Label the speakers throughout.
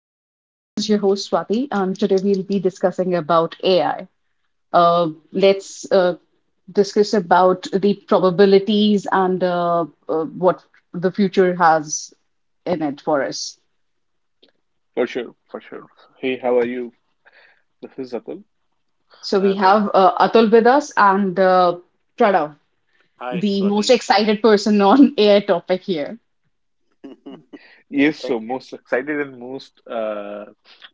Speaker 1: This is your host Swati, and today we'll be discussing about AI. Let's discuss about the probabilities and what the future has in it for us.
Speaker 2: For sure, for sure. Hey, how are you? This is Atul.
Speaker 1: So
Speaker 3: Hi,
Speaker 1: we
Speaker 3: Atul.
Speaker 1: have Atul with us and Pranav,
Speaker 3: Hi,
Speaker 1: the most
Speaker 3: Swati.
Speaker 1: excited person on AI topic here,
Speaker 2: Yes, so
Speaker 3: Thank you.
Speaker 2: most excited and most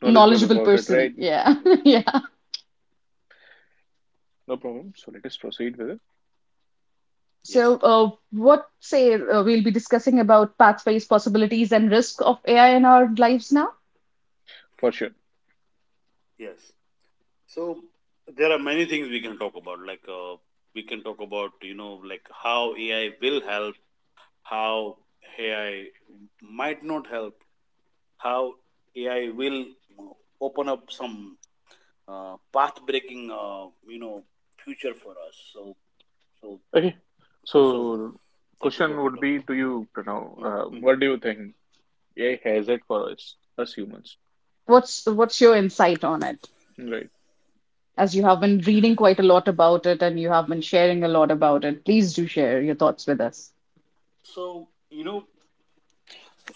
Speaker 2: knowledgeable
Speaker 1: knowledgeable
Speaker 2: about it,
Speaker 1: person.
Speaker 2: right?
Speaker 1: Yeah, yeah.
Speaker 2: No problem. So let us proceed with it.
Speaker 3: Yes,
Speaker 1: So, what say we'll be discussing about pathways, possibilities, and risk of AI in our lives now?
Speaker 2: For sure.
Speaker 3: yes. So there are many things we can talk about. Like we can talk about like how AI will help, how AI might not help, how AI will uh, open up some path-breaking future for us. So
Speaker 2: Okay.
Speaker 3: so
Speaker 2: So
Speaker 3: that is
Speaker 2: question
Speaker 3: what we
Speaker 2: would
Speaker 3: talk.
Speaker 2: be to you, Pranav.
Speaker 3: Mm,
Speaker 2: Uh,
Speaker 3: mm.
Speaker 2: what do you think AI has it for us humans?
Speaker 1: What's your insight on it?
Speaker 2: Right.
Speaker 1: As you have been reading quite a lot about it and you have been sharing a lot about it, please do share your thoughts with us.
Speaker 3: So you know,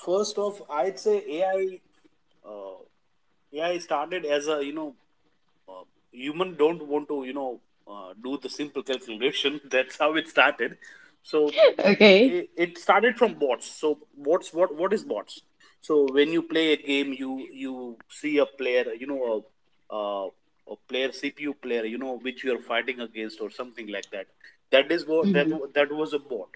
Speaker 3: first off, I'd say AI uh, AI started as a uh, human don't want to do the simple calculation. That's how it started. So
Speaker 1: Okay.
Speaker 3: it started from bots. So bots, what is bots? So when you play a game, you see a player, you know, a player CPU player, you know, which you are fighting against or something like that. That is what that
Speaker 1: Hmm.
Speaker 3: that was a bot,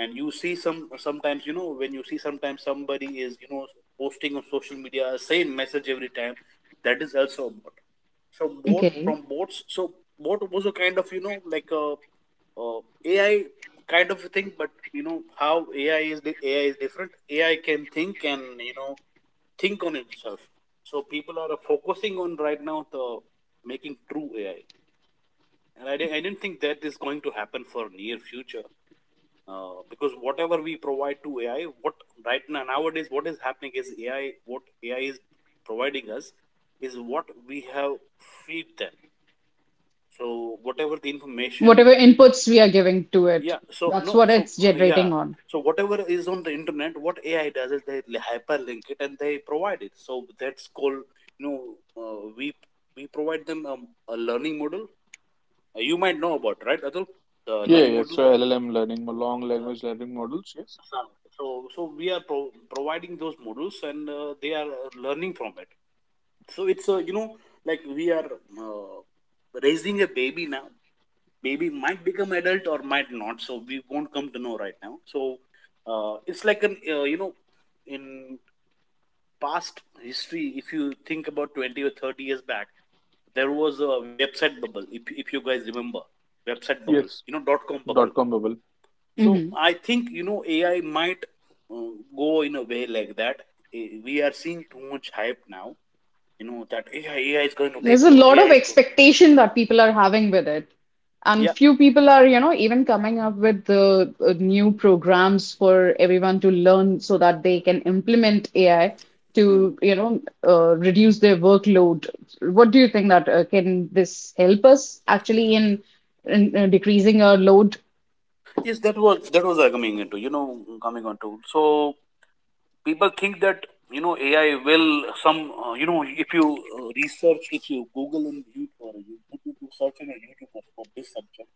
Speaker 3: and you see sometimes you know, when you see sometimes somebody is you know posting on social media same message every time, that is also a bot. So bot
Speaker 1: Okay.
Speaker 3: from bots. So bot was a kind of you know like a AI kind of a thing, but you know how AI ai is different. AI can think and you know think on itself. So people are focusing on right now the making true AI, and I didn't think that is going to happen for near future, because whatever we provide to AI, what right now nowadays what is happening is AI, what AI is providing us is what we have feed them. So whatever the information,
Speaker 1: Whatever inputs we are giving to it,
Speaker 3: yeah. So
Speaker 1: that's
Speaker 3: no,
Speaker 1: what
Speaker 3: so
Speaker 1: it's
Speaker 3: yeah.
Speaker 1: generating on.
Speaker 3: So whatever is on the internet, what AI does is they hyperlink it and they provide it. So that's called you know uh, we we provide them a learning model. You might know about, right, Atul? The
Speaker 2: Yeah,
Speaker 3: learning
Speaker 2: yeah.
Speaker 3: model.
Speaker 2: So LLM learning, long
Speaker 3: Uh,
Speaker 2: language learning models. Yes.
Speaker 3: so we are providing those models, and they are learning from it. So it's you know, like we are uh, raising a baby now. Baby might become adult or might not, so we won't come to know right now. So it's like an you know, in past history, if you think about 20 or 30 years back, there was a website bubble, if you guys remember, website bubble,
Speaker 2: Yes.
Speaker 3: you know, dot com bubble.
Speaker 2: Dot com bubble.
Speaker 3: So
Speaker 1: Mhm.
Speaker 3: I think you know AI might uh, go in a way like that. We are seeing too much hype now. You know that AI is going to
Speaker 1: There's
Speaker 3: take
Speaker 1: a
Speaker 3: over.
Speaker 1: lot of
Speaker 3: AI is going.
Speaker 1: expectation that people are having with it. And
Speaker 3: Yeah.
Speaker 1: few people are, you know, even coming up with the new programs for everyone to learn so that they can implement AI
Speaker 3: Hmm.
Speaker 1: to, reduce their workload. What do you think that can this help us actually in, in decreasing our load?
Speaker 3: Yes, that was I coming into. You know, coming on to. So people think that you know AI will some. You know, if you research, if you Google and YouTube, or you, if you search in a YouTube or for this subject,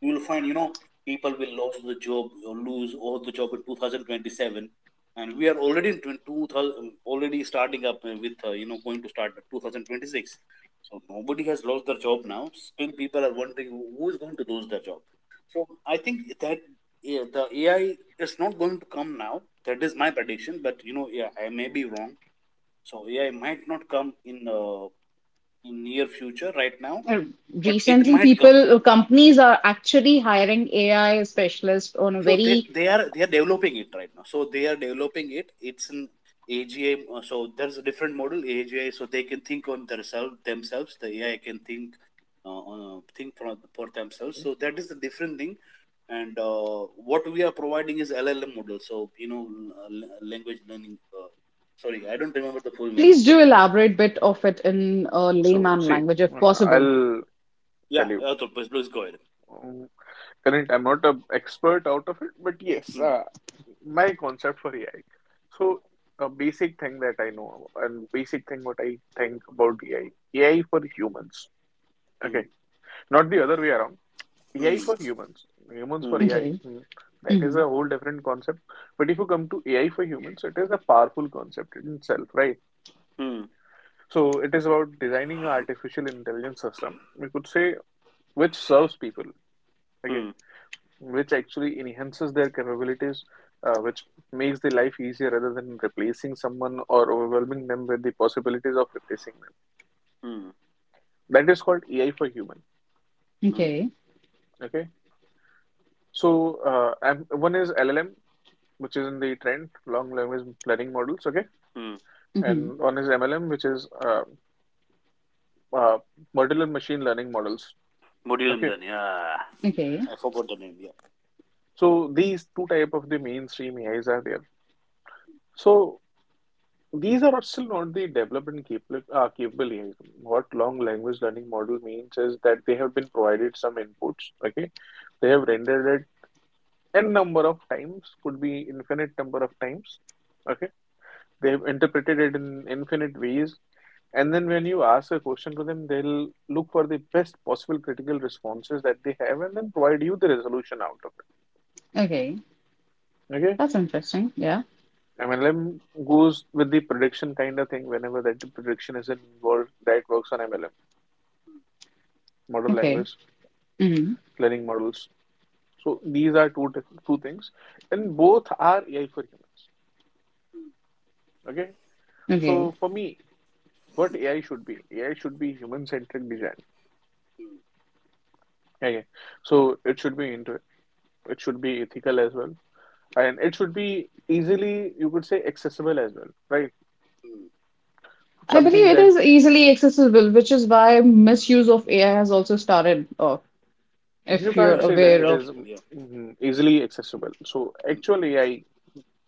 Speaker 3: you will find you know people will lose the job or lose all the job in 2027, and we are already in 2000, already starting up with you know, going to start 2026. So nobody has lost their job now. Still people are wondering who is going to lose their job. So I think that, yeah, the AI is not going to come now. That is my prediction, but you know, yeah, I may be wrong. So AI might not come in near future right now,
Speaker 1: Uh,
Speaker 3: but it
Speaker 1: Recently,
Speaker 3: might come.
Speaker 1: people, companies are actually hiring AI specialists on a
Speaker 3: So they
Speaker 1: very.
Speaker 3: they are they are developing it right now. So they are developing it. It's an AGI. So there's a different model, AGI. So they can think on themselves. The AI can think, think for themselves. So that is the different thing. And what we are providing is LLM model. So you know, language learning. Sorry, I don't remember the full name
Speaker 1: Please
Speaker 3: of
Speaker 1: do
Speaker 3: it.
Speaker 1: elaborate bit of it in a
Speaker 2: So
Speaker 1: layman
Speaker 2: see,
Speaker 1: language if possible.
Speaker 2: I'll
Speaker 3: Yeah,
Speaker 2: tell
Speaker 3: Arthur, please, please go ahead.
Speaker 2: you. Current, I'm not a expert out of it, but yes,
Speaker 3: Hmm,
Speaker 2: my concept for AI. So a basic thing that I know, and basic thing what I think about AI. AI for humans.
Speaker 3: hmm,
Speaker 2: Okay. Not the other way around. AI
Speaker 3: hmm,
Speaker 2: for humans. Humans for
Speaker 3: hmm,
Speaker 2: AI.
Speaker 1: Okay.
Speaker 2: That is
Speaker 1: Hmm.
Speaker 2: a whole different concept, but if you come to AI for humans, it is a powerful concept in itself, right?
Speaker 3: hmm,
Speaker 2: So it is about designing an artificial intelligence system, we could say, which serves people. Okay.
Speaker 3: hmm,
Speaker 2: Which actually enhances their capabilities, which makes the life easier rather than replacing someone or overwhelming them with the possibilities of replacing them.
Speaker 3: hmm,
Speaker 2: That is called AI for human.
Speaker 3: hmm,
Speaker 1: Okay.
Speaker 2: Okay, so, and one is LLM, which is in the trend, long language learning models. Okay,
Speaker 3: hmm.
Speaker 1: Hmm.
Speaker 2: and one is MLM, which is uh, modular machine learning models.
Speaker 3: Modulum
Speaker 2: Okay,
Speaker 3: learning. Yeah.
Speaker 1: Okay.
Speaker 3: I forgot the name. Yeah.
Speaker 2: so these two type of the mainstream AIs are there. So these are still not the developed and capable yet. What long language learning model means is that they have been provided some inputs, okay? They have rendered it n number of times, could be infinite number of times, okay? They have interpreted it in infinite ways, and then when you ask a question to them, they'll look for the best possible critical responses that they have and then provide you the resolution out of
Speaker 1: Okay.
Speaker 2: it, okay?
Speaker 1: That's interesting. Yeah.
Speaker 2: MLM goes with the prediction kind of thing whenever that prediction is involved, that works on MLM. Model
Speaker 1: Okay.
Speaker 2: language
Speaker 1: Hmm.
Speaker 2: learning models. So these are two things, and both are AI for humans. Okay.
Speaker 3: Mm,
Speaker 1: Okay.
Speaker 2: So for me, what AI should be? AI should be human-centric design.
Speaker 3: mm,
Speaker 2: Okay. So it should be ethical as well, and it should be easily, you could say, accessible as well, right?
Speaker 3: mm.
Speaker 1: I believe
Speaker 2: Something
Speaker 1: it
Speaker 2: that
Speaker 1: is easily accessible, which is why misuse of AI has also started off,
Speaker 2: You
Speaker 1: if
Speaker 3: Yeah,
Speaker 1: you're
Speaker 2: can't say
Speaker 3: it's
Speaker 2: that
Speaker 3: not
Speaker 1: aware
Speaker 2: it
Speaker 1: of.
Speaker 2: is
Speaker 3: ethical, yeah.
Speaker 2: easily accessible. So
Speaker 3: Mm,
Speaker 2: actual AI,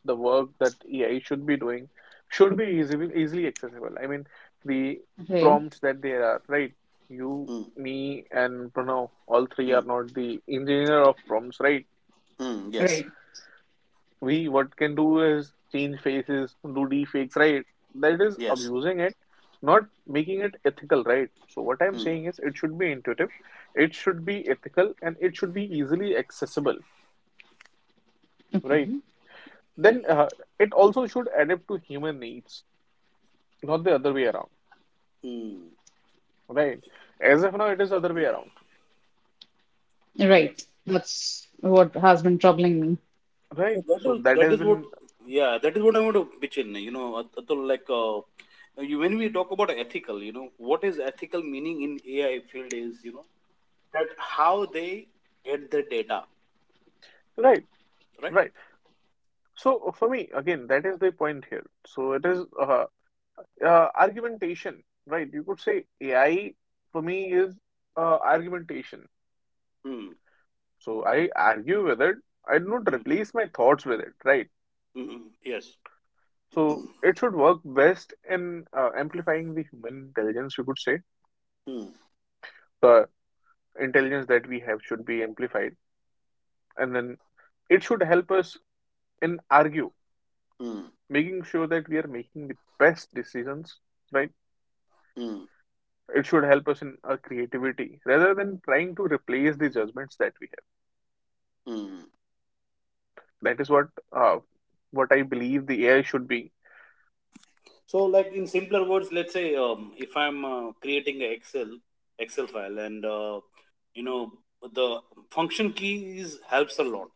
Speaker 2: the work that AI should be doing, should be easily accessible. I mean, the
Speaker 1: Okay.
Speaker 2: prompts that there are, right? You,
Speaker 3: mm,
Speaker 2: me, and Pranav, all three are
Speaker 3: mm,
Speaker 2: not the engineer of prompts, right?
Speaker 3: mm, yes,
Speaker 1: Right.
Speaker 2: We what can do is change faces, do deepfakes, right? That is
Speaker 3: yes.
Speaker 2: abusing it, not making it ethical, right? So what I'm
Speaker 3: Mm.
Speaker 2: saying is, it should be intuitive, it should be ethical, and it should be easily accessible.
Speaker 1: Okay.
Speaker 2: Right. Then it also should adapt to human needs, not the other way around.
Speaker 3: Mm.
Speaker 2: Right. As of now, it is other way around.
Speaker 3: Mm, yes.
Speaker 1: Right. That's what has been troubling me.
Speaker 3: So
Speaker 2: Right. So that
Speaker 3: that
Speaker 2: has
Speaker 3: is what
Speaker 2: been.
Speaker 3: yeah that is what I want to pitch in. You know, Atul, like you, when we talk about ethical, you know, what is ethical meaning in AI field is you know that how they get the data,
Speaker 2: Right.
Speaker 3: right?
Speaker 2: Right. So for me, again, that is the point here. So it is argumentation. Right. You could say AI for me is argumentation.
Speaker 3: Mm,
Speaker 2: So I argue with it. I do not
Speaker 3: mm,
Speaker 2: replace my thoughts with it. Right.
Speaker 3: mm, mm, mm. Yes.
Speaker 2: So it should work best in amplifying the human intelligence, you could say
Speaker 3: Mm,
Speaker 2: intelligence that we have should be amplified, and then it should help us in argue
Speaker 3: mm,
Speaker 2: making sure that we are making the best decisions, right?
Speaker 3: mm,
Speaker 2: It should help us in our creativity rather than trying to replace the judgments that we
Speaker 3: mm.
Speaker 2: have. That is what, uh, what I believe the AI should be,
Speaker 3: So, like in simpler words, let's say if I'm creating an Excel file, and you know, the function keys helps a lot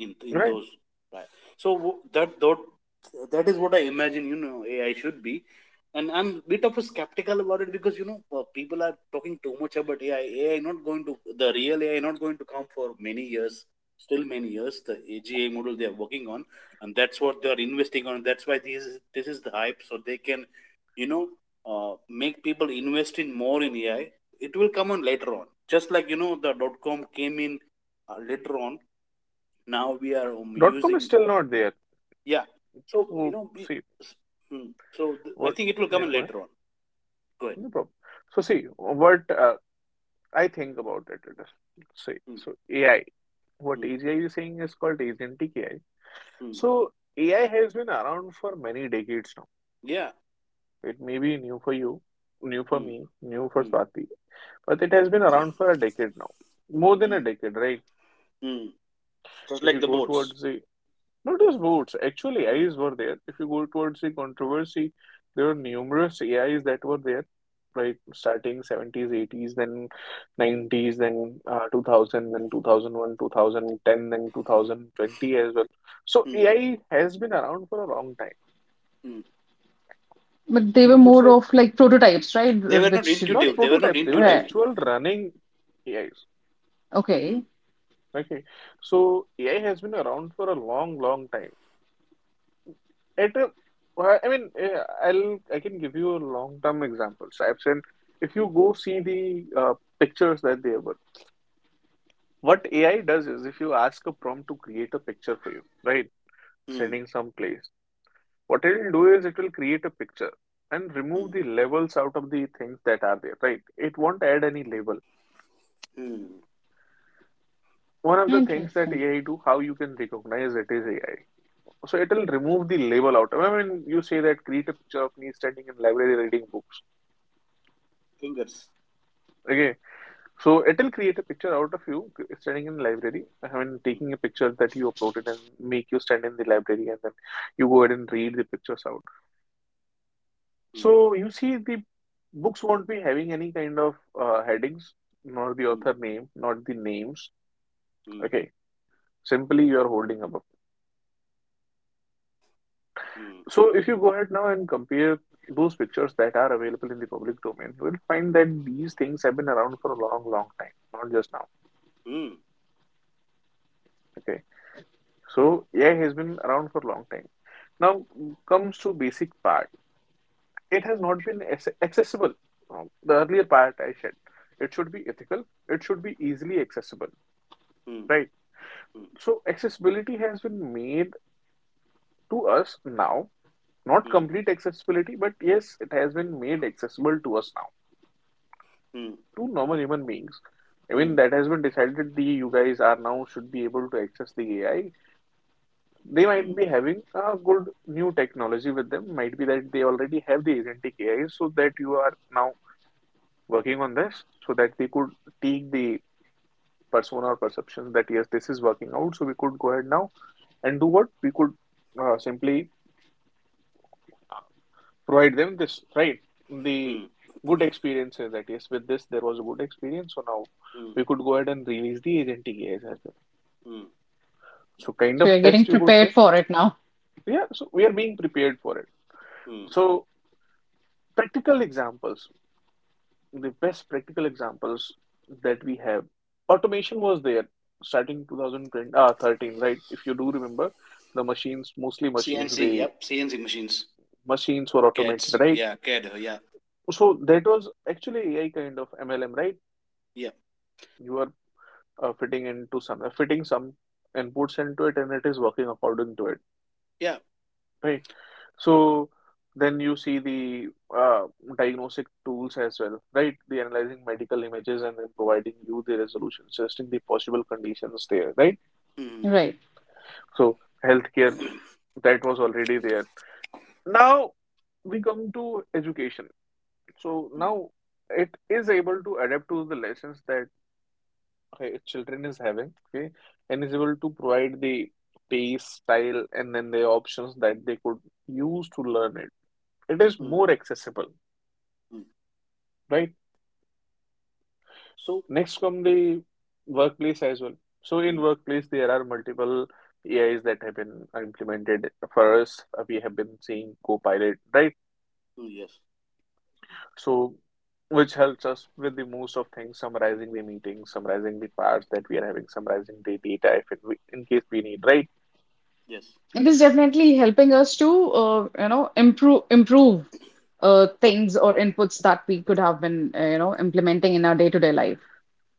Speaker 3: in
Speaker 2: right.
Speaker 3: those, right? So that is what I imagine, you know, AI should be. And I'm a bit of a skeptical about it, because you know people are talking too much about AI. AI not going to, the real AI not going to come for many years, still many years. The AGI model they are working on, and that's what they are investing on. That's why this is the hype, so they can you know uh, make people invest in more in AI. It will come on later on, just like you know, the dot com came in later on. Now we are
Speaker 2: Dot com is
Speaker 3: using,
Speaker 2: still not there.
Speaker 3: yeah. So you
Speaker 2: So
Speaker 3: know, we,
Speaker 2: see
Speaker 3: hmm, so I
Speaker 2: what.
Speaker 3: think it will come
Speaker 2: Yeah,
Speaker 3: in
Speaker 2: go ahead.
Speaker 3: later on. Go ahead.
Speaker 2: No problem. So see what, I think about it. It is, see,
Speaker 3: Hmm,
Speaker 2: so AI. What
Speaker 3: hmm,
Speaker 2: AGI is saying is called agentic AI.
Speaker 3: hmm.
Speaker 2: So AI has been around for many decades now.
Speaker 3: Yeah.
Speaker 2: It may be new for you, new for
Speaker 3: Hmm,
Speaker 2: me, new for
Speaker 3: hmm,
Speaker 2: Swati, but it has been around for a decade now. More than a
Speaker 3: hmm,
Speaker 2: decade, right?
Speaker 3: hmm. Just
Speaker 2: If
Speaker 3: like
Speaker 2: you
Speaker 3: the
Speaker 2: go
Speaker 3: boats.
Speaker 2: towards the, not just votes, actually
Speaker 3: Hmm,
Speaker 2: AIs were there. If you go towards the controversy, there were numerous AIs that were there, right? Starting 70s, 80s, then 90s, then 2000, then 2001, 2010, then 2020 as well. So
Speaker 3: hmm,
Speaker 2: AI has been around for a long time.
Speaker 3: hmm.
Speaker 1: But they were
Speaker 2: You could
Speaker 1: more
Speaker 2: say.
Speaker 1: of like prototypes, right?
Speaker 3: they were not
Speaker 1: Which,
Speaker 2: Not
Speaker 3: intuitive they were not
Speaker 2: prototypes, they were
Speaker 3: intuitive
Speaker 1: right.
Speaker 2: actual running AIs.
Speaker 1: Okay.
Speaker 3: Hmm,
Speaker 2: Okay. So AI has been around for a long, long time. At a, I mean, I can give you a long-term example. Stripes. And if you go see the pictures that they were, what AI does is if you ask a prompt to create a picture for you, right?
Speaker 3: hmm,
Speaker 2: Sending some place, what it'll do is it will create a picture and remove
Speaker 3: hmm,
Speaker 2: the levels out of the things that are there, right? It won't add any label.
Speaker 3: hmm.
Speaker 2: One of the things that
Speaker 1: Interesting.
Speaker 2: AI do, how you can recognize it is AI. So it'll remove the label out. I mean, you say that create a picture of me standing in library reading books.
Speaker 3: Fingers.
Speaker 2: Okay, so it'll create a picture out of you standing in library. I mean,
Speaker 3: Hmm,
Speaker 2: taking a picture that you uploaded and make you stand in the library, and then you go ahead and read the pictures out. So you see, the books won't be having any kind of headings, nor the
Speaker 3: hmm, hmm,
Speaker 2: author name, not the names.
Speaker 3: hmm,
Speaker 2: Okay, simply you are holding up. A
Speaker 3: hmm,
Speaker 2: So if you go ahead now and compare those pictures that are available in the public domain, you will find that these things have been around for a long, long time, not just now.
Speaker 3: hmm,
Speaker 2: Okay. So AI has been around for a long time. Now comes to basic part. It has not been accessible. The earlier part I said, it should be ethical. It should be easily accessible,
Speaker 3: hmm, hmm,
Speaker 2: right? So accessibility has been made to us now. Not
Speaker 3: hmm,
Speaker 2: complete accessibility, but yes, it has been made accessible to us now,
Speaker 3: hmm,
Speaker 2: two normal human beings. I mean,
Speaker 3: hmm,
Speaker 2: that has been decided the you guys are now should be able to access the AI. They might
Speaker 3: hmm,
Speaker 2: be having a good new technology with them. Might be that they already have the agentic AI, so that you are now working on this, so that they could take the persona or perceptions that yes, this is working out. So we could go ahead now and do what we could, simply provide them this, right? The
Speaker 3: hmm,
Speaker 2: good experiences that yes, with this there was a good experience. So now
Speaker 3: hmm,
Speaker 2: we could go ahead and release the agentic AI.
Speaker 3: hmm,
Speaker 2: So kind
Speaker 1: So
Speaker 2: of
Speaker 1: you're getting
Speaker 2: text, you could
Speaker 1: prepared
Speaker 2: say.
Speaker 1: for it now.
Speaker 2: Yeah, so we are being prepared for it.
Speaker 3: hmm.
Speaker 2: So practical examples, the best practical examples that we have. Automation was there starting 2020, 13, right? If you do remember, the machines, mostly machines,
Speaker 3: CNC,
Speaker 2: the
Speaker 3: yep, CNC machines.
Speaker 2: machines were automated,
Speaker 3: Cats,
Speaker 2: right?
Speaker 3: yeah, cat, yeah,
Speaker 2: So that was actually AI kind of MLM, right?
Speaker 3: yeah,
Speaker 2: You are fitting some inputs into it, and it is working according to it,
Speaker 3: yeah.
Speaker 2: right? So then you see the uh, diagnostic tools as well, right? The analyzing medical images and then providing you the resolution, suggesting the possible conditions there, right?
Speaker 3: Mm,
Speaker 1: Right.
Speaker 2: So healthcare that was already there. Now we come to education. So
Speaker 3: mm,
Speaker 2: now it is able to adapt to the lessons that children is having, okay, and is able to provide the pace, style, and then the options that they could use to learn it. It is
Speaker 3: mm,
Speaker 2: more accessible,
Speaker 3: mm.
Speaker 2: right?
Speaker 3: So,
Speaker 2: Next come the workplace as well. So in
Speaker 3: mm,
Speaker 2: workplace, there are multiple AIs that have been implemented. For us, we have been seeing Copilot, right?
Speaker 3: mm, yes,
Speaker 2: So which helps us with the most of things, summarizing the meetings, summarizing the parts that we are having, summarizing the data if it, we, in case we need, right?
Speaker 3: yes.
Speaker 1: It is definitely helping us to, you know, improve things or inputs that we could have been, you know, implementing in our day-to-day life,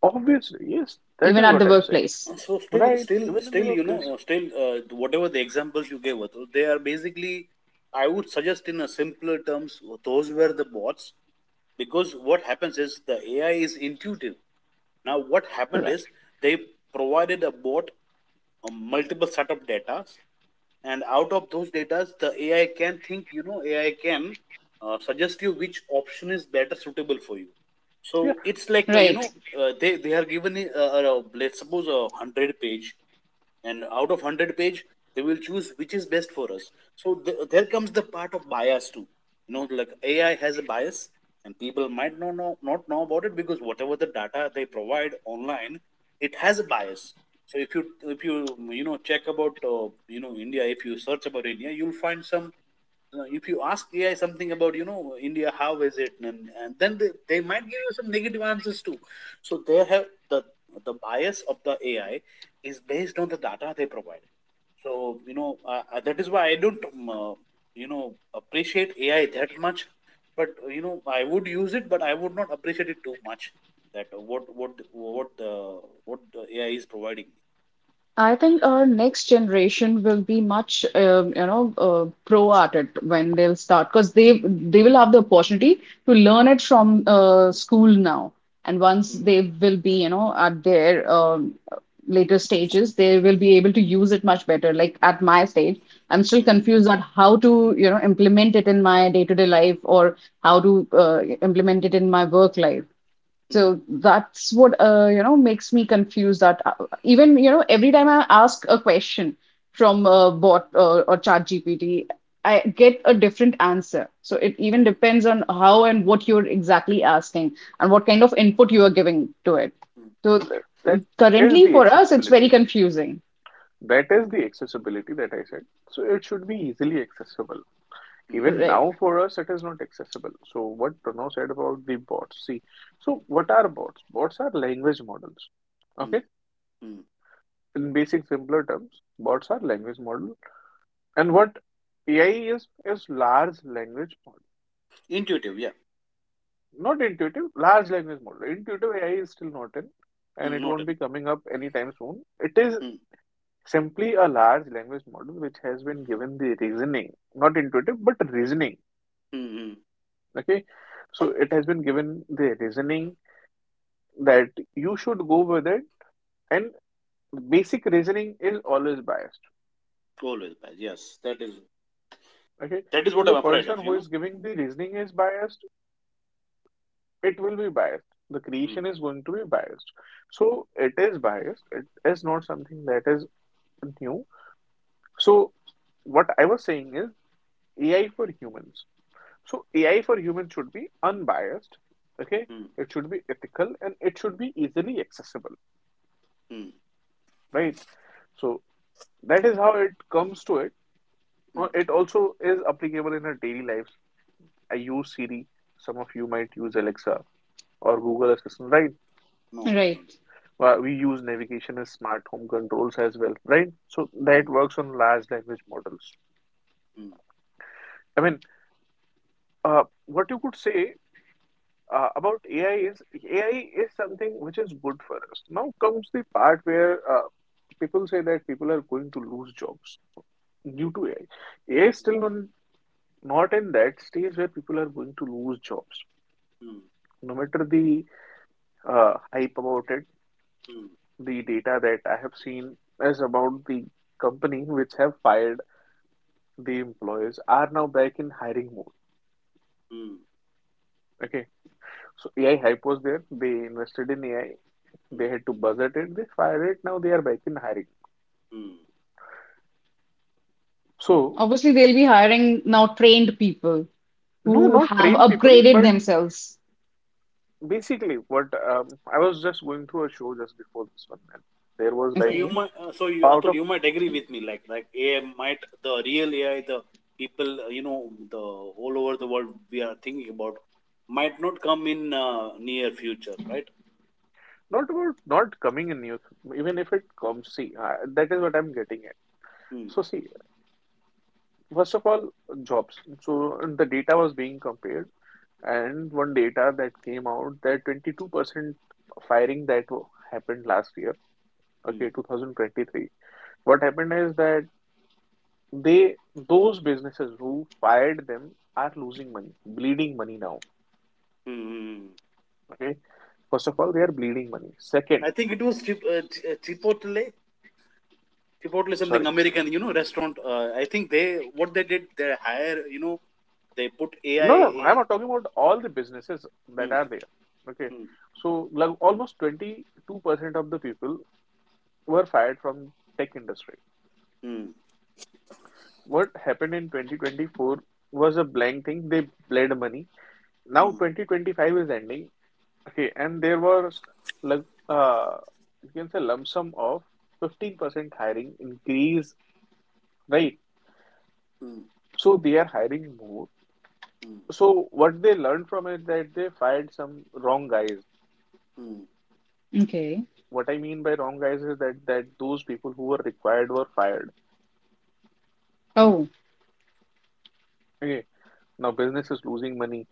Speaker 2: Obviously, yes, that
Speaker 1: even
Speaker 2: is
Speaker 1: at
Speaker 2: what
Speaker 1: the
Speaker 2: I'm saying,
Speaker 1: workplace.
Speaker 3: So still,
Speaker 2: right?
Speaker 3: still,
Speaker 2: Even in the
Speaker 3: still, you
Speaker 2: workplace,
Speaker 3: know, still, whatever the examples you gave, Atul, they are basically, I would suggest in a simpler terms, those were the bots, because what happens is the AI is intuitive. Now, what happened
Speaker 1: Right.
Speaker 3: is they provided a bot, multiple set of data, and out of those data the AI can think, you know, AI can suggest you which option is better suitable for you. So
Speaker 2: yeah,
Speaker 3: it's like
Speaker 1: Right.
Speaker 3: they are given let's suppose a 100 page, and out of 100-page they will choose which is best for us. So there comes the part of bias too. You know, like AI has a bias, and people might not know about it, because whatever the data they provide online, it has a bias. So if you you know, check about you know, India, if you search about India, you'll find some. If you ask AI something about, you know, India, how is it? And then they might give you some negative answers too. So they have the bias of the AI is based on the data they provide. So, you know, that is why I don't, you know, appreciate AI that much. But, you know, I would use it, but I would not appreciate it too much. That what the AI is providing.
Speaker 1: I think our next generation will be much, pro at it when they'll start because they will have the opportunity to learn it from school now. And once
Speaker 3: Hmm,
Speaker 1: they will be, you know, at their later stages, they will be able to use it much better. Like at my stage, I'm still
Speaker 3: hmm,
Speaker 1: confused on how to, you know, implement it in my day-to-day life or how to implement it in my work life.
Speaker 3: hmm,
Speaker 1: So that's what you know makes me confused that even every time I ask a question from a bot or chat I get a different answer. So it even
Speaker 3: hmm,
Speaker 1: depends on how and what you're exactly asking and what kind of input you are giving to it.
Speaker 3: hmm,
Speaker 2: that is
Speaker 1: Currently
Speaker 2: the
Speaker 1: for us, it's very
Speaker 2: accessibility.
Speaker 1: confusing.
Speaker 2: That is the accessibility that I said. So it should be easily accessible.
Speaker 3: hmm,
Speaker 2: Even
Speaker 1: Right,
Speaker 2: now, for us, it is not accessible. So, what Pranav said about the bots, see, so what are bots? Bots are language models.
Speaker 3: hmm,
Speaker 2: Okay,
Speaker 3: hmm.
Speaker 2: in basic, simpler terms, bots are language model, and what AI is large language model,
Speaker 3: Intuitive, yeah.
Speaker 2: not intuitive, large language model. Intuitive AI is still not in, and
Speaker 3: Hmm,
Speaker 2: it won't
Speaker 3: noted.
Speaker 2: be coming up anytime soon. It is
Speaker 3: Hmm.
Speaker 2: simply a large language model which has been given the reasoning, not intuitive, but reasoning.
Speaker 3: Hmm. Hmm.
Speaker 2: Okay, so it has been given the reasoning that you should go with it, and basic reasoning is always biased.
Speaker 3: Always bad. Yes, that is
Speaker 2: Okay,
Speaker 3: that is
Speaker 2: so
Speaker 3: what I'm
Speaker 2: the
Speaker 3: afraid of.
Speaker 2: person who
Speaker 3: You know.
Speaker 2: is giving the reasoning is biased, it will be biased, the
Speaker 3: Hmm.
Speaker 2: creation is going to be biased.
Speaker 3: Hmm.
Speaker 2: So it is biased, it is not something that is new. So what I was saying is AI for humans. So AI for humans should be unbiased. Okay,
Speaker 3: Hmm.
Speaker 2: it should be ethical and it should be easily accessible,
Speaker 3: Hmm.
Speaker 2: right? So that is how it comes to it.
Speaker 3: Hmm.
Speaker 2: Well, it also is applicable in our daily lives. I use Siri. Some of you might use Alexa or Google Assistant, right?
Speaker 3: No, I
Speaker 1: right.
Speaker 3: don't.
Speaker 2: Well, we use navigation and smart home controls as well, right? So
Speaker 3: Hmm.
Speaker 2: that works on large language models.
Speaker 3: Hmm.
Speaker 2: I mean, what you could say about AI is AI is something which is good for us. Now comes the part where people say that people are going to lose jobs due to AI. AI is still non, not in that stage where people are going to lose jobs.
Speaker 3: Hmm.
Speaker 2: No matter the hype about it.
Speaker 3: Hmm.
Speaker 2: The data that I have seen is about the company which have fired the employees are now back in hiring mode.
Speaker 3: Hmm.
Speaker 2: Okay, so AI hype was there. They invested in AI.
Speaker 3: Hmm.
Speaker 2: They had to buzz at it. They fired it. Now they are back in hiring.
Speaker 3: Hmm.
Speaker 2: So
Speaker 1: Obviously, they'll be hiring now trained people
Speaker 2: no,
Speaker 1: who
Speaker 2: not
Speaker 1: have
Speaker 2: train people,
Speaker 1: upgraded
Speaker 2: but
Speaker 1: themselves.
Speaker 2: basically what I was just going through a show just before this one, and there was
Speaker 3: So
Speaker 2: like
Speaker 3: you
Speaker 1: Okay,
Speaker 3: might, so you
Speaker 2: out
Speaker 3: Atul,
Speaker 2: of
Speaker 3: you might agree with me. Like AI might, the real AI, the people, you know, the all over the world we are thinking about might not come in near future, right?
Speaker 2: not about not coming in news, even if it comes. See, that is what I'm getting at.
Speaker 3: Hmm.
Speaker 2: So see, first of all, jobs. So the data was being compared, and one data that came out that 22% firing that wa- happened last year,
Speaker 3: Hmm.
Speaker 2: okay, 2023. What happened is that they, those businesses who fired them are losing money, bleeding money now,
Speaker 3: Hmm. Hmm, hmm.
Speaker 2: okay? First of all, they are bleeding money. Second,
Speaker 3: I think it was Chipotle. Chipotle is something
Speaker 2: sorry,
Speaker 3: American, you know, restaurant. I think they what they did, they hire, you know, they put AI.
Speaker 2: no, no, I'm
Speaker 3: in-
Speaker 2: not talking about all the businesses that
Speaker 3: Mm,
Speaker 2: are there, okay?
Speaker 3: mm,
Speaker 2: So like almost 22% of the people were fired from tech industry.
Speaker 3: mm,
Speaker 2: What happened in 2024 was a blank thing. They bled money. Now
Speaker 3: mm,
Speaker 2: 2025 is ending. Okay, and there was like uh, you can say lump sum of 15% hiring increase, right?
Speaker 3: mm,
Speaker 2: So they are hiring more. So what they learned from it that they fired some wrong guys.
Speaker 3: mm, mm,
Speaker 1: okay.
Speaker 2: What I mean by wrong guys is that those people who were required were fired.
Speaker 1: Oh.
Speaker 2: Okay, now business is losing money.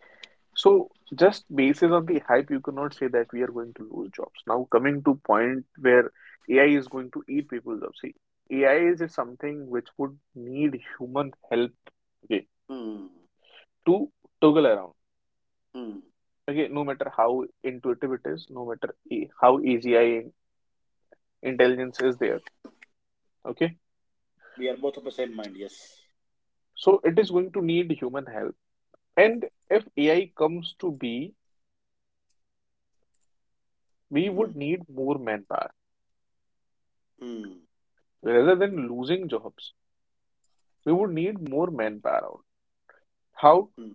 Speaker 2: So just basis on the hype, you cannot say that we are going to lose jobs. Now coming to point where AI is going to eat people's jobs. See, AI is something which would need human help, okay,
Speaker 3: mm,
Speaker 2: to toggle around.
Speaker 3: mm.
Speaker 2: Okay, no matter how intuitive it is, no matter how easy AI intelligence is there. Okay,
Speaker 3: We are both of the same mind. Yes.
Speaker 2: so it is going to need human help. And if AI comes to be, we
Speaker 3: Mm,
Speaker 2: would need more manpower
Speaker 3: mm,
Speaker 2: rather than losing jobs. We would need more manpower out. How?
Speaker 3: mm,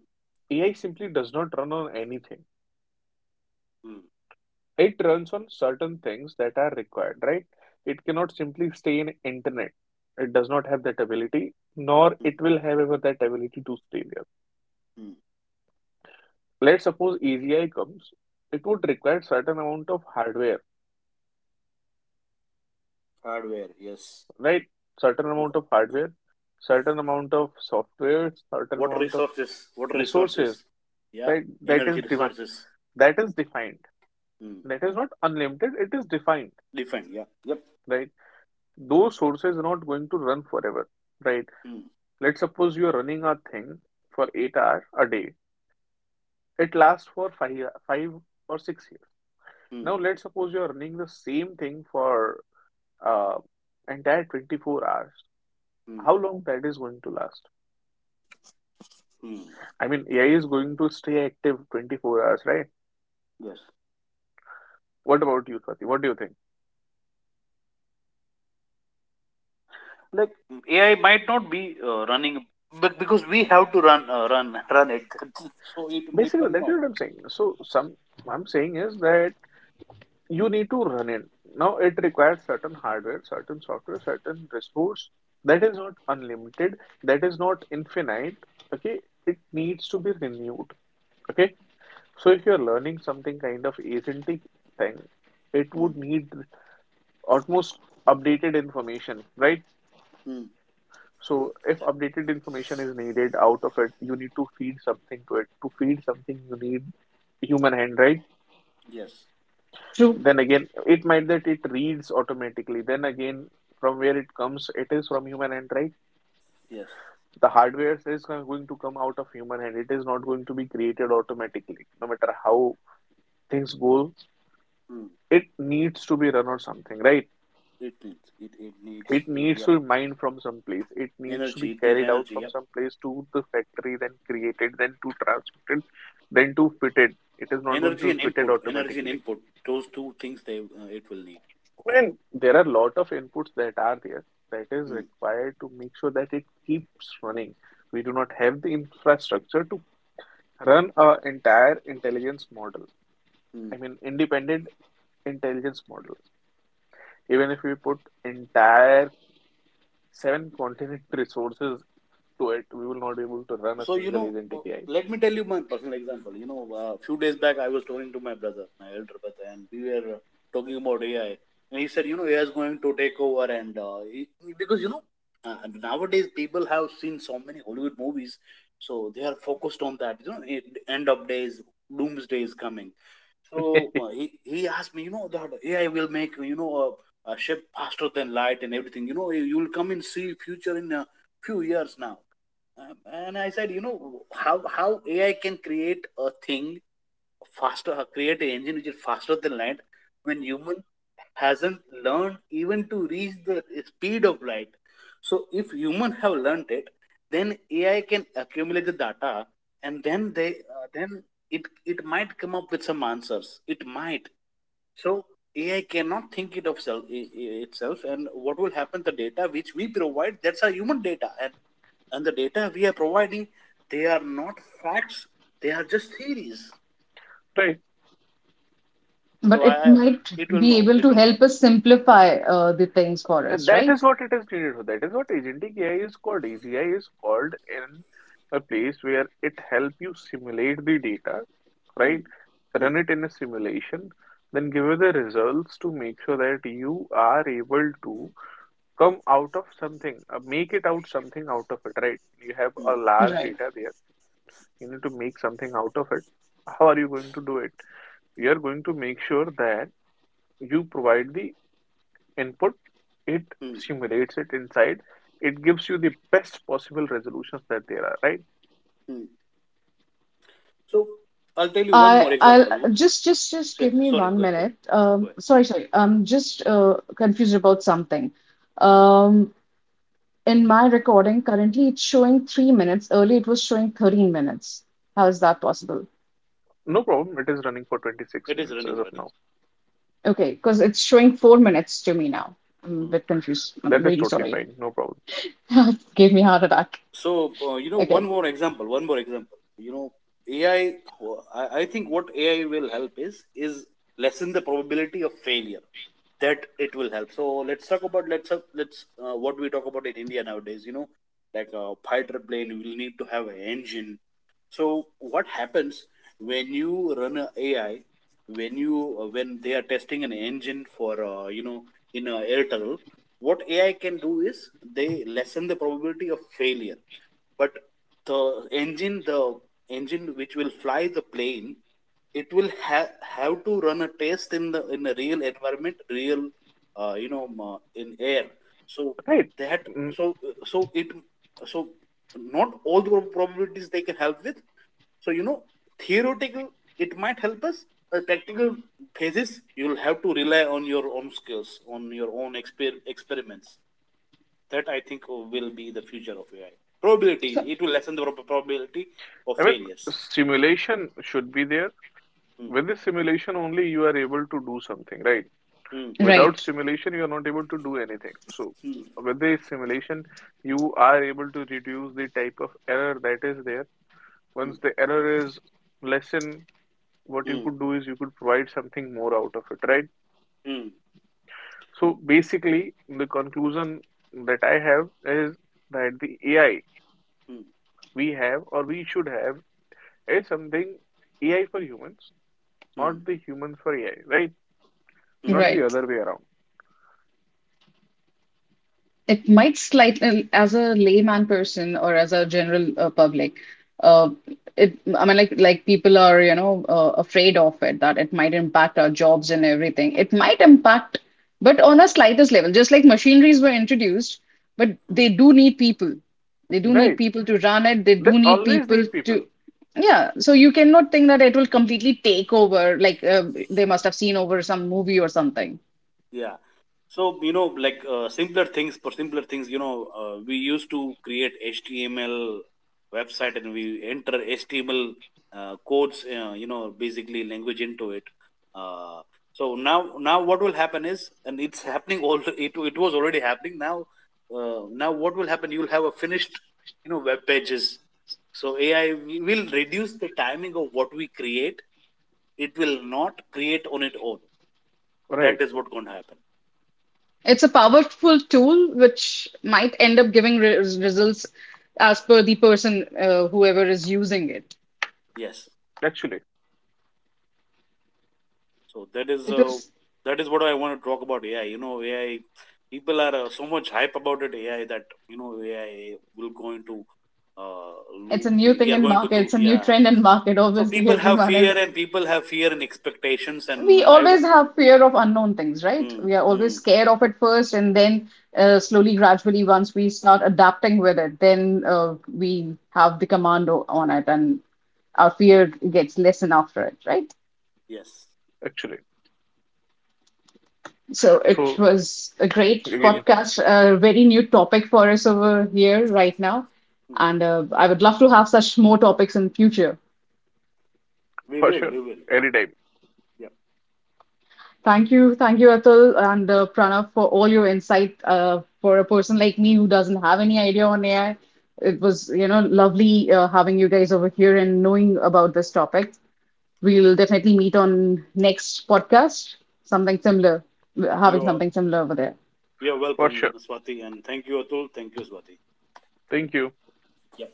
Speaker 2: AI simply does not run on anything.
Speaker 3: mm,
Speaker 2: It runs on certain things that are required, right? It cannot simply stay in internet. It does not have that ability, nor
Speaker 3: mm,
Speaker 2: it will have ever that ability to stay there.
Speaker 3: mm.
Speaker 2: Let's suppose AGI comes, it would require certain amount of hardware,
Speaker 3: Hardware. Yes.
Speaker 2: right? Certain
Speaker 3: Wa-
Speaker 2: amount of hardware, certain amount of software, certain
Speaker 3: Water
Speaker 2: amount of
Speaker 3: resources. Water resources.
Speaker 2: resources,
Speaker 3: Yeah.
Speaker 2: right?
Speaker 3: Energy resources.
Speaker 2: That is defined.
Speaker 3: Mm.
Speaker 2: That is not unlimited, it is defined,
Speaker 3: Different. Yeah. Yep.
Speaker 2: right? Those sources are not going to run forever, right?
Speaker 3: Mm,
Speaker 2: Let's suppose you're running a thing for 8 hours a day. It lasts for five, 5 or 6 years.
Speaker 3: mm,
Speaker 2: Now, let's suppose you're running the same thing for uh, entire 24 hours.
Speaker 3: mm,
Speaker 2: How long that is going to last?
Speaker 3: mm.
Speaker 2: I mean, AI is going to stay active 24 hours, right?
Speaker 3: Yes.
Speaker 2: What about you, Swati? What do you think?
Speaker 3: Like AI might not be running, but because we have to run it, so it
Speaker 2: Basically,
Speaker 3: will
Speaker 2: that is
Speaker 3: not.
Speaker 2: what I'm saying. So, some I'm saying is that you need to run it. Now, it requires certain hardware, certain software, certain resource that is not unlimited, that is not infinite. Okay, it needs to be renewed. Okay, so if you're learning something kind of agentic thing, it
Speaker 3: Mm,
Speaker 2: would need almost updated information, right?
Speaker 3: mm,
Speaker 2: So, if updated information is needed out of it, you need to feed something to it. To feed something, you need human hand, right?
Speaker 3: yes,
Speaker 1: True,
Speaker 2: Then again, it might that it reads automatically. Then again, from where it comes, it is from human hand, right?
Speaker 3: yes.
Speaker 2: The hardware is going to come out of human hand. It is not going to be created automatically. No matter how things go,
Speaker 3: Mm,
Speaker 2: it needs to be run or something, right?
Speaker 3: it, it needs
Speaker 2: It
Speaker 3: fuel.
Speaker 2: needs
Speaker 3: Yep.
Speaker 2: to be mined from some place. It needs to be
Speaker 3: Energy. It needs
Speaker 2: carried out
Speaker 3: energy.
Speaker 2: from
Speaker 3: Yep.
Speaker 2: some place to the factory, then created, then to transported, then to fitted. It is not going
Speaker 3: Energy
Speaker 2: to be
Speaker 3: and
Speaker 2: fitted
Speaker 3: input. Energy and
Speaker 2: automatically.
Speaker 3: input. Those two things they it will need.
Speaker 2: I mean, there are a lot of inputs that are there that is
Speaker 3: Mm,
Speaker 2: required to make sure that it keeps running. We do not have the infrastructure to run a entire intelligence model.
Speaker 3: mm.
Speaker 2: I mean, independent intelligence model. Even if we put entire seven continent resources to it, we will not be able to run a
Speaker 3: so you
Speaker 2: single
Speaker 3: know
Speaker 2: agentic
Speaker 3: uh,
Speaker 2: AI.
Speaker 3: Let me tell you my personal example. You know, a few days back I was talking to my brother, my elder brother, and we were talking about AI, and he said, you know, AI is going to take over. And he, because you know Nowadays people have seen so many Hollywood movies, so they are focused on that, you know, end of days, doomsday is coming. so uh, he he asked me, you know, that AI will make, you know, a ship faster than light and everything. You know, you will come and see future in a few years now. um, and I said, you know, how AI can create a thing faster, create an engine which is faster than light, when human hasn't learned even to reach the speed of light. So if human have learned it, then AI can accumulate the data, and then they then it might come up with some answers. It might. So AI cannot think it of self, itself, and what will happen? The data which we provide, that's our human data, and the data we are providing, they are not facts, they are just theories.
Speaker 2: Right?
Speaker 3: So
Speaker 1: but it
Speaker 3: I,
Speaker 1: might
Speaker 3: it will
Speaker 1: be
Speaker 3: no,
Speaker 1: able
Speaker 3: it
Speaker 1: to
Speaker 3: will not.
Speaker 1: help us simplify the things for
Speaker 2: And
Speaker 1: us,
Speaker 2: that
Speaker 1: right?
Speaker 2: is what it is needed for. That is what agentic AI is called. AGI is called in a place where it help you simulate the data,
Speaker 3: Hmm.
Speaker 2: right?
Speaker 3: Hmm.
Speaker 2: Run it in a simulation, then give you the results to make sure that you are able to come out of something, make it out something out of it, right? You have
Speaker 3: Hmm.
Speaker 2: a large
Speaker 1: Right.
Speaker 2: data there. You need to make something out of it. How are you going to do it? You are going to make sure that you provide the input, it
Speaker 3: Hmm.
Speaker 2: simulates it inside. It gives you the best possible resolutions that there are, right?
Speaker 3: Hmm. So I'll tell you one
Speaker 1: I
Speaker 3: more
Speaker 1: I'll
Speaker 3: example.
Speaker 1: just give me
Speaker 3: Sorry,
Speaker 1: one
Speaker 3: go ahead, go ahead,
Speaker 1: minute.
Speaker 3: go ahead.
Speaker 1: Sorry, sorry. I'm just confused about something.
Speaker 3: Hmm.
Speaker 1: Um, in my recording, currently it's showing 3 minutes. Earlier it was showing 13 minutes. How is that possible?
Speaker 2: No problem. It is running for 26
Speaker 3: It is
Speaker 2: minutes
Speaker 3: running
Speaker 2: as of
Speaker 3: running
Speaker 2: now.
Speaker 1: Okay, because it's showing 4 minutes to me now. I'm a
Speaker 3: Hmm.
Speaker 1: bit confused. I'm
Speaker 2: That is
Speaker 1: really
Speaker 2: totally
Speaker 1: sorry.
Speaker 2: fine. No problem.
Speaker 1: It gave me a heart attack.
Speaker 3: So, you know, one
Speaker 1: Okay.
Speaker 3: more example, one more example. You know, AI, I think what AI will help is lessen the probability of failure. That it will help. So let's talk about, let's up- let's what we talk about in India nowadays. You know, like a fighter plane, we will need to have an engine. So what happens when you run a AI? When you when they are testing an engine for, you know, in a air tunnel, what AI can do is they lessen the probability of failure, but the engine, the engine which will fly the plane, it will have to run a test in the in a real environment, real, in air. So
Speaker 2: Right.
Speaker 3: that,
Speaker 2: Mm,
Speaker 3: so so it, so not all the probabilities they can help with. So you know, theoretical, it might help us. The practical phases, you will have to rely on your own skills, on your own experiments. That I think will be the future of AI.
Speaker 1: So,
Speaker 3: Probability. It will lessen the probability of
Speaker 2: I mean,
Speaker 3: failures.
Speaker 2: simulation should be there.
Speaker 3: Hmm,
Speaker 2: With the simulation only, you are able to do something, right?
Speaker 3: hmm,
Speaker 2: Without
Speaker 1: right.
Speaker 2: simulation, you are not able to do anything. So,
Speaker 3: hmm,
Speaker 2: with the simulation, you are able to reduce the type of error that is there. Once the error is lessened, what you
Speaker 3: hmm,
Speaker 2: could do is you could provide something more out of it, right?
Speaker 3: hmm,
Speaker 2: So basically, the conclusion that I have is that the AI
Speaker 3: hmm, hmm,
Speaker 2: we have or we should have is something AI for humans,
Speaker 3: hmm,
Speaker 2: not the humans for AI, right?
Speaker 3: hmm,
Speaker 2: Not the
Speaker 1: Right.
Speaker 2: other way around,
Speaker 1: It might slightly, as a layman person or as a general public, uh, it, I mean, like people are, afraid of it that it might impact our jobs and everything. It might impact, but on a slightest level, just like machineries were introduced, but they
Speaker 3: hmm.
Speaker 1: do need people. They do need
Speaker 2: right?
Speaker 1: people to run it. They do
Speaker 2: That
Speaker 1: need
Speaker 2: always
Speaker 1: people
Speaker 2: need
Speaker 1: to,
Speaker 2: people,
Speaker 1: yeah. So you cannot think that it will completely take over, like they must have seen over some movie or something.
Speaker 3: Yeah. So, you know, like simpler things, for simpler things, you know, we used to create HTML website, and we enter HTML codes, you know, basically language into it. Uh, so now, now what will happen is, and it's happening all, it was already happening now. Now what will happen? You'll have a finished, you know, web pages. So AI will reduce the timing of what we create. It will not create on its own.
Speaker 2: right?
Speaker 3: That is what going to happen.
Speaker 1: It's a powerful tool which might end up giving re results as per the person, whoever is using it.
Speaker 3: Yes.
Speaker 2: Actually,
Speaker 3: So
Speaker 1: It was,
Speaker 3: that is what I want to talk about AI. You know, AI, people are so much hype about it. AI, that you know AI will going to uh,
Speaker 1: it's
Speaker 3: loop.
Speaker 1: a new
Speaker 3: We
Speaker 1: thing
Speaker 3: are
Speaker 1: in
Speaker 3: going to
Speaker 1: market. It's
Speaker 3: loop.
Speaker 1: a new
Speaker 3: Yeah.
Speaker 1: trend in market.
Speaker 3: So
Speaker 1: Obviously,
Speaker 3: people have
Speaker 1: everyone is.
Speaker 3: fear, and people have fear and expectations, and
Speaker 1: We
Speaker 3: I.
Speaker 1: always have fear of unknown things, right?
Speaker 3: Mm,
Speaker 1: We are always
Speaker 3: mm,
Speaker 1: scared of it first, and then slowly, gradually, once we start adapting with it, then we have the command o- on it, and our fear gets lessened after it, right?
Speaker 3: yes.
Speaker 2: actually.
Speaker 1: So it
Speaker 2: So
Speaker 1: was a great
Speaker 3: So yeah,
Speaker 2: again,
Speaker 1: podcast, a very new topic for us over here right now.
Speaker 3: mhm.
Speaker 1: And I would love to have such more topics in future.
Speaker 3: We
Speaker 2: for
Speaker 3: will.
Speaker 2: sure,
Speaker 3: We will.
Speaker 2: anytime,
Speaker 3: Yeah.
Speaker 1: Thank you, Atul and Pranav for all your insight. For a person like me who doesn't have any idea on AI, it was lovely having you guys over here and knowing about this topic. We'll definitely meet on next podcast, something similar, having
Speaker 3: You're
Speaker 1: something similar over there.
Speaker 3: you're
Speaker 2: for
Speaker 3: welcome,
Speaker 2: sure.
Speaker 3: Swati, and thank you, Atul. Thank you, Swati.
Speaker 2: Thank you.
Speaker 3: Yeah.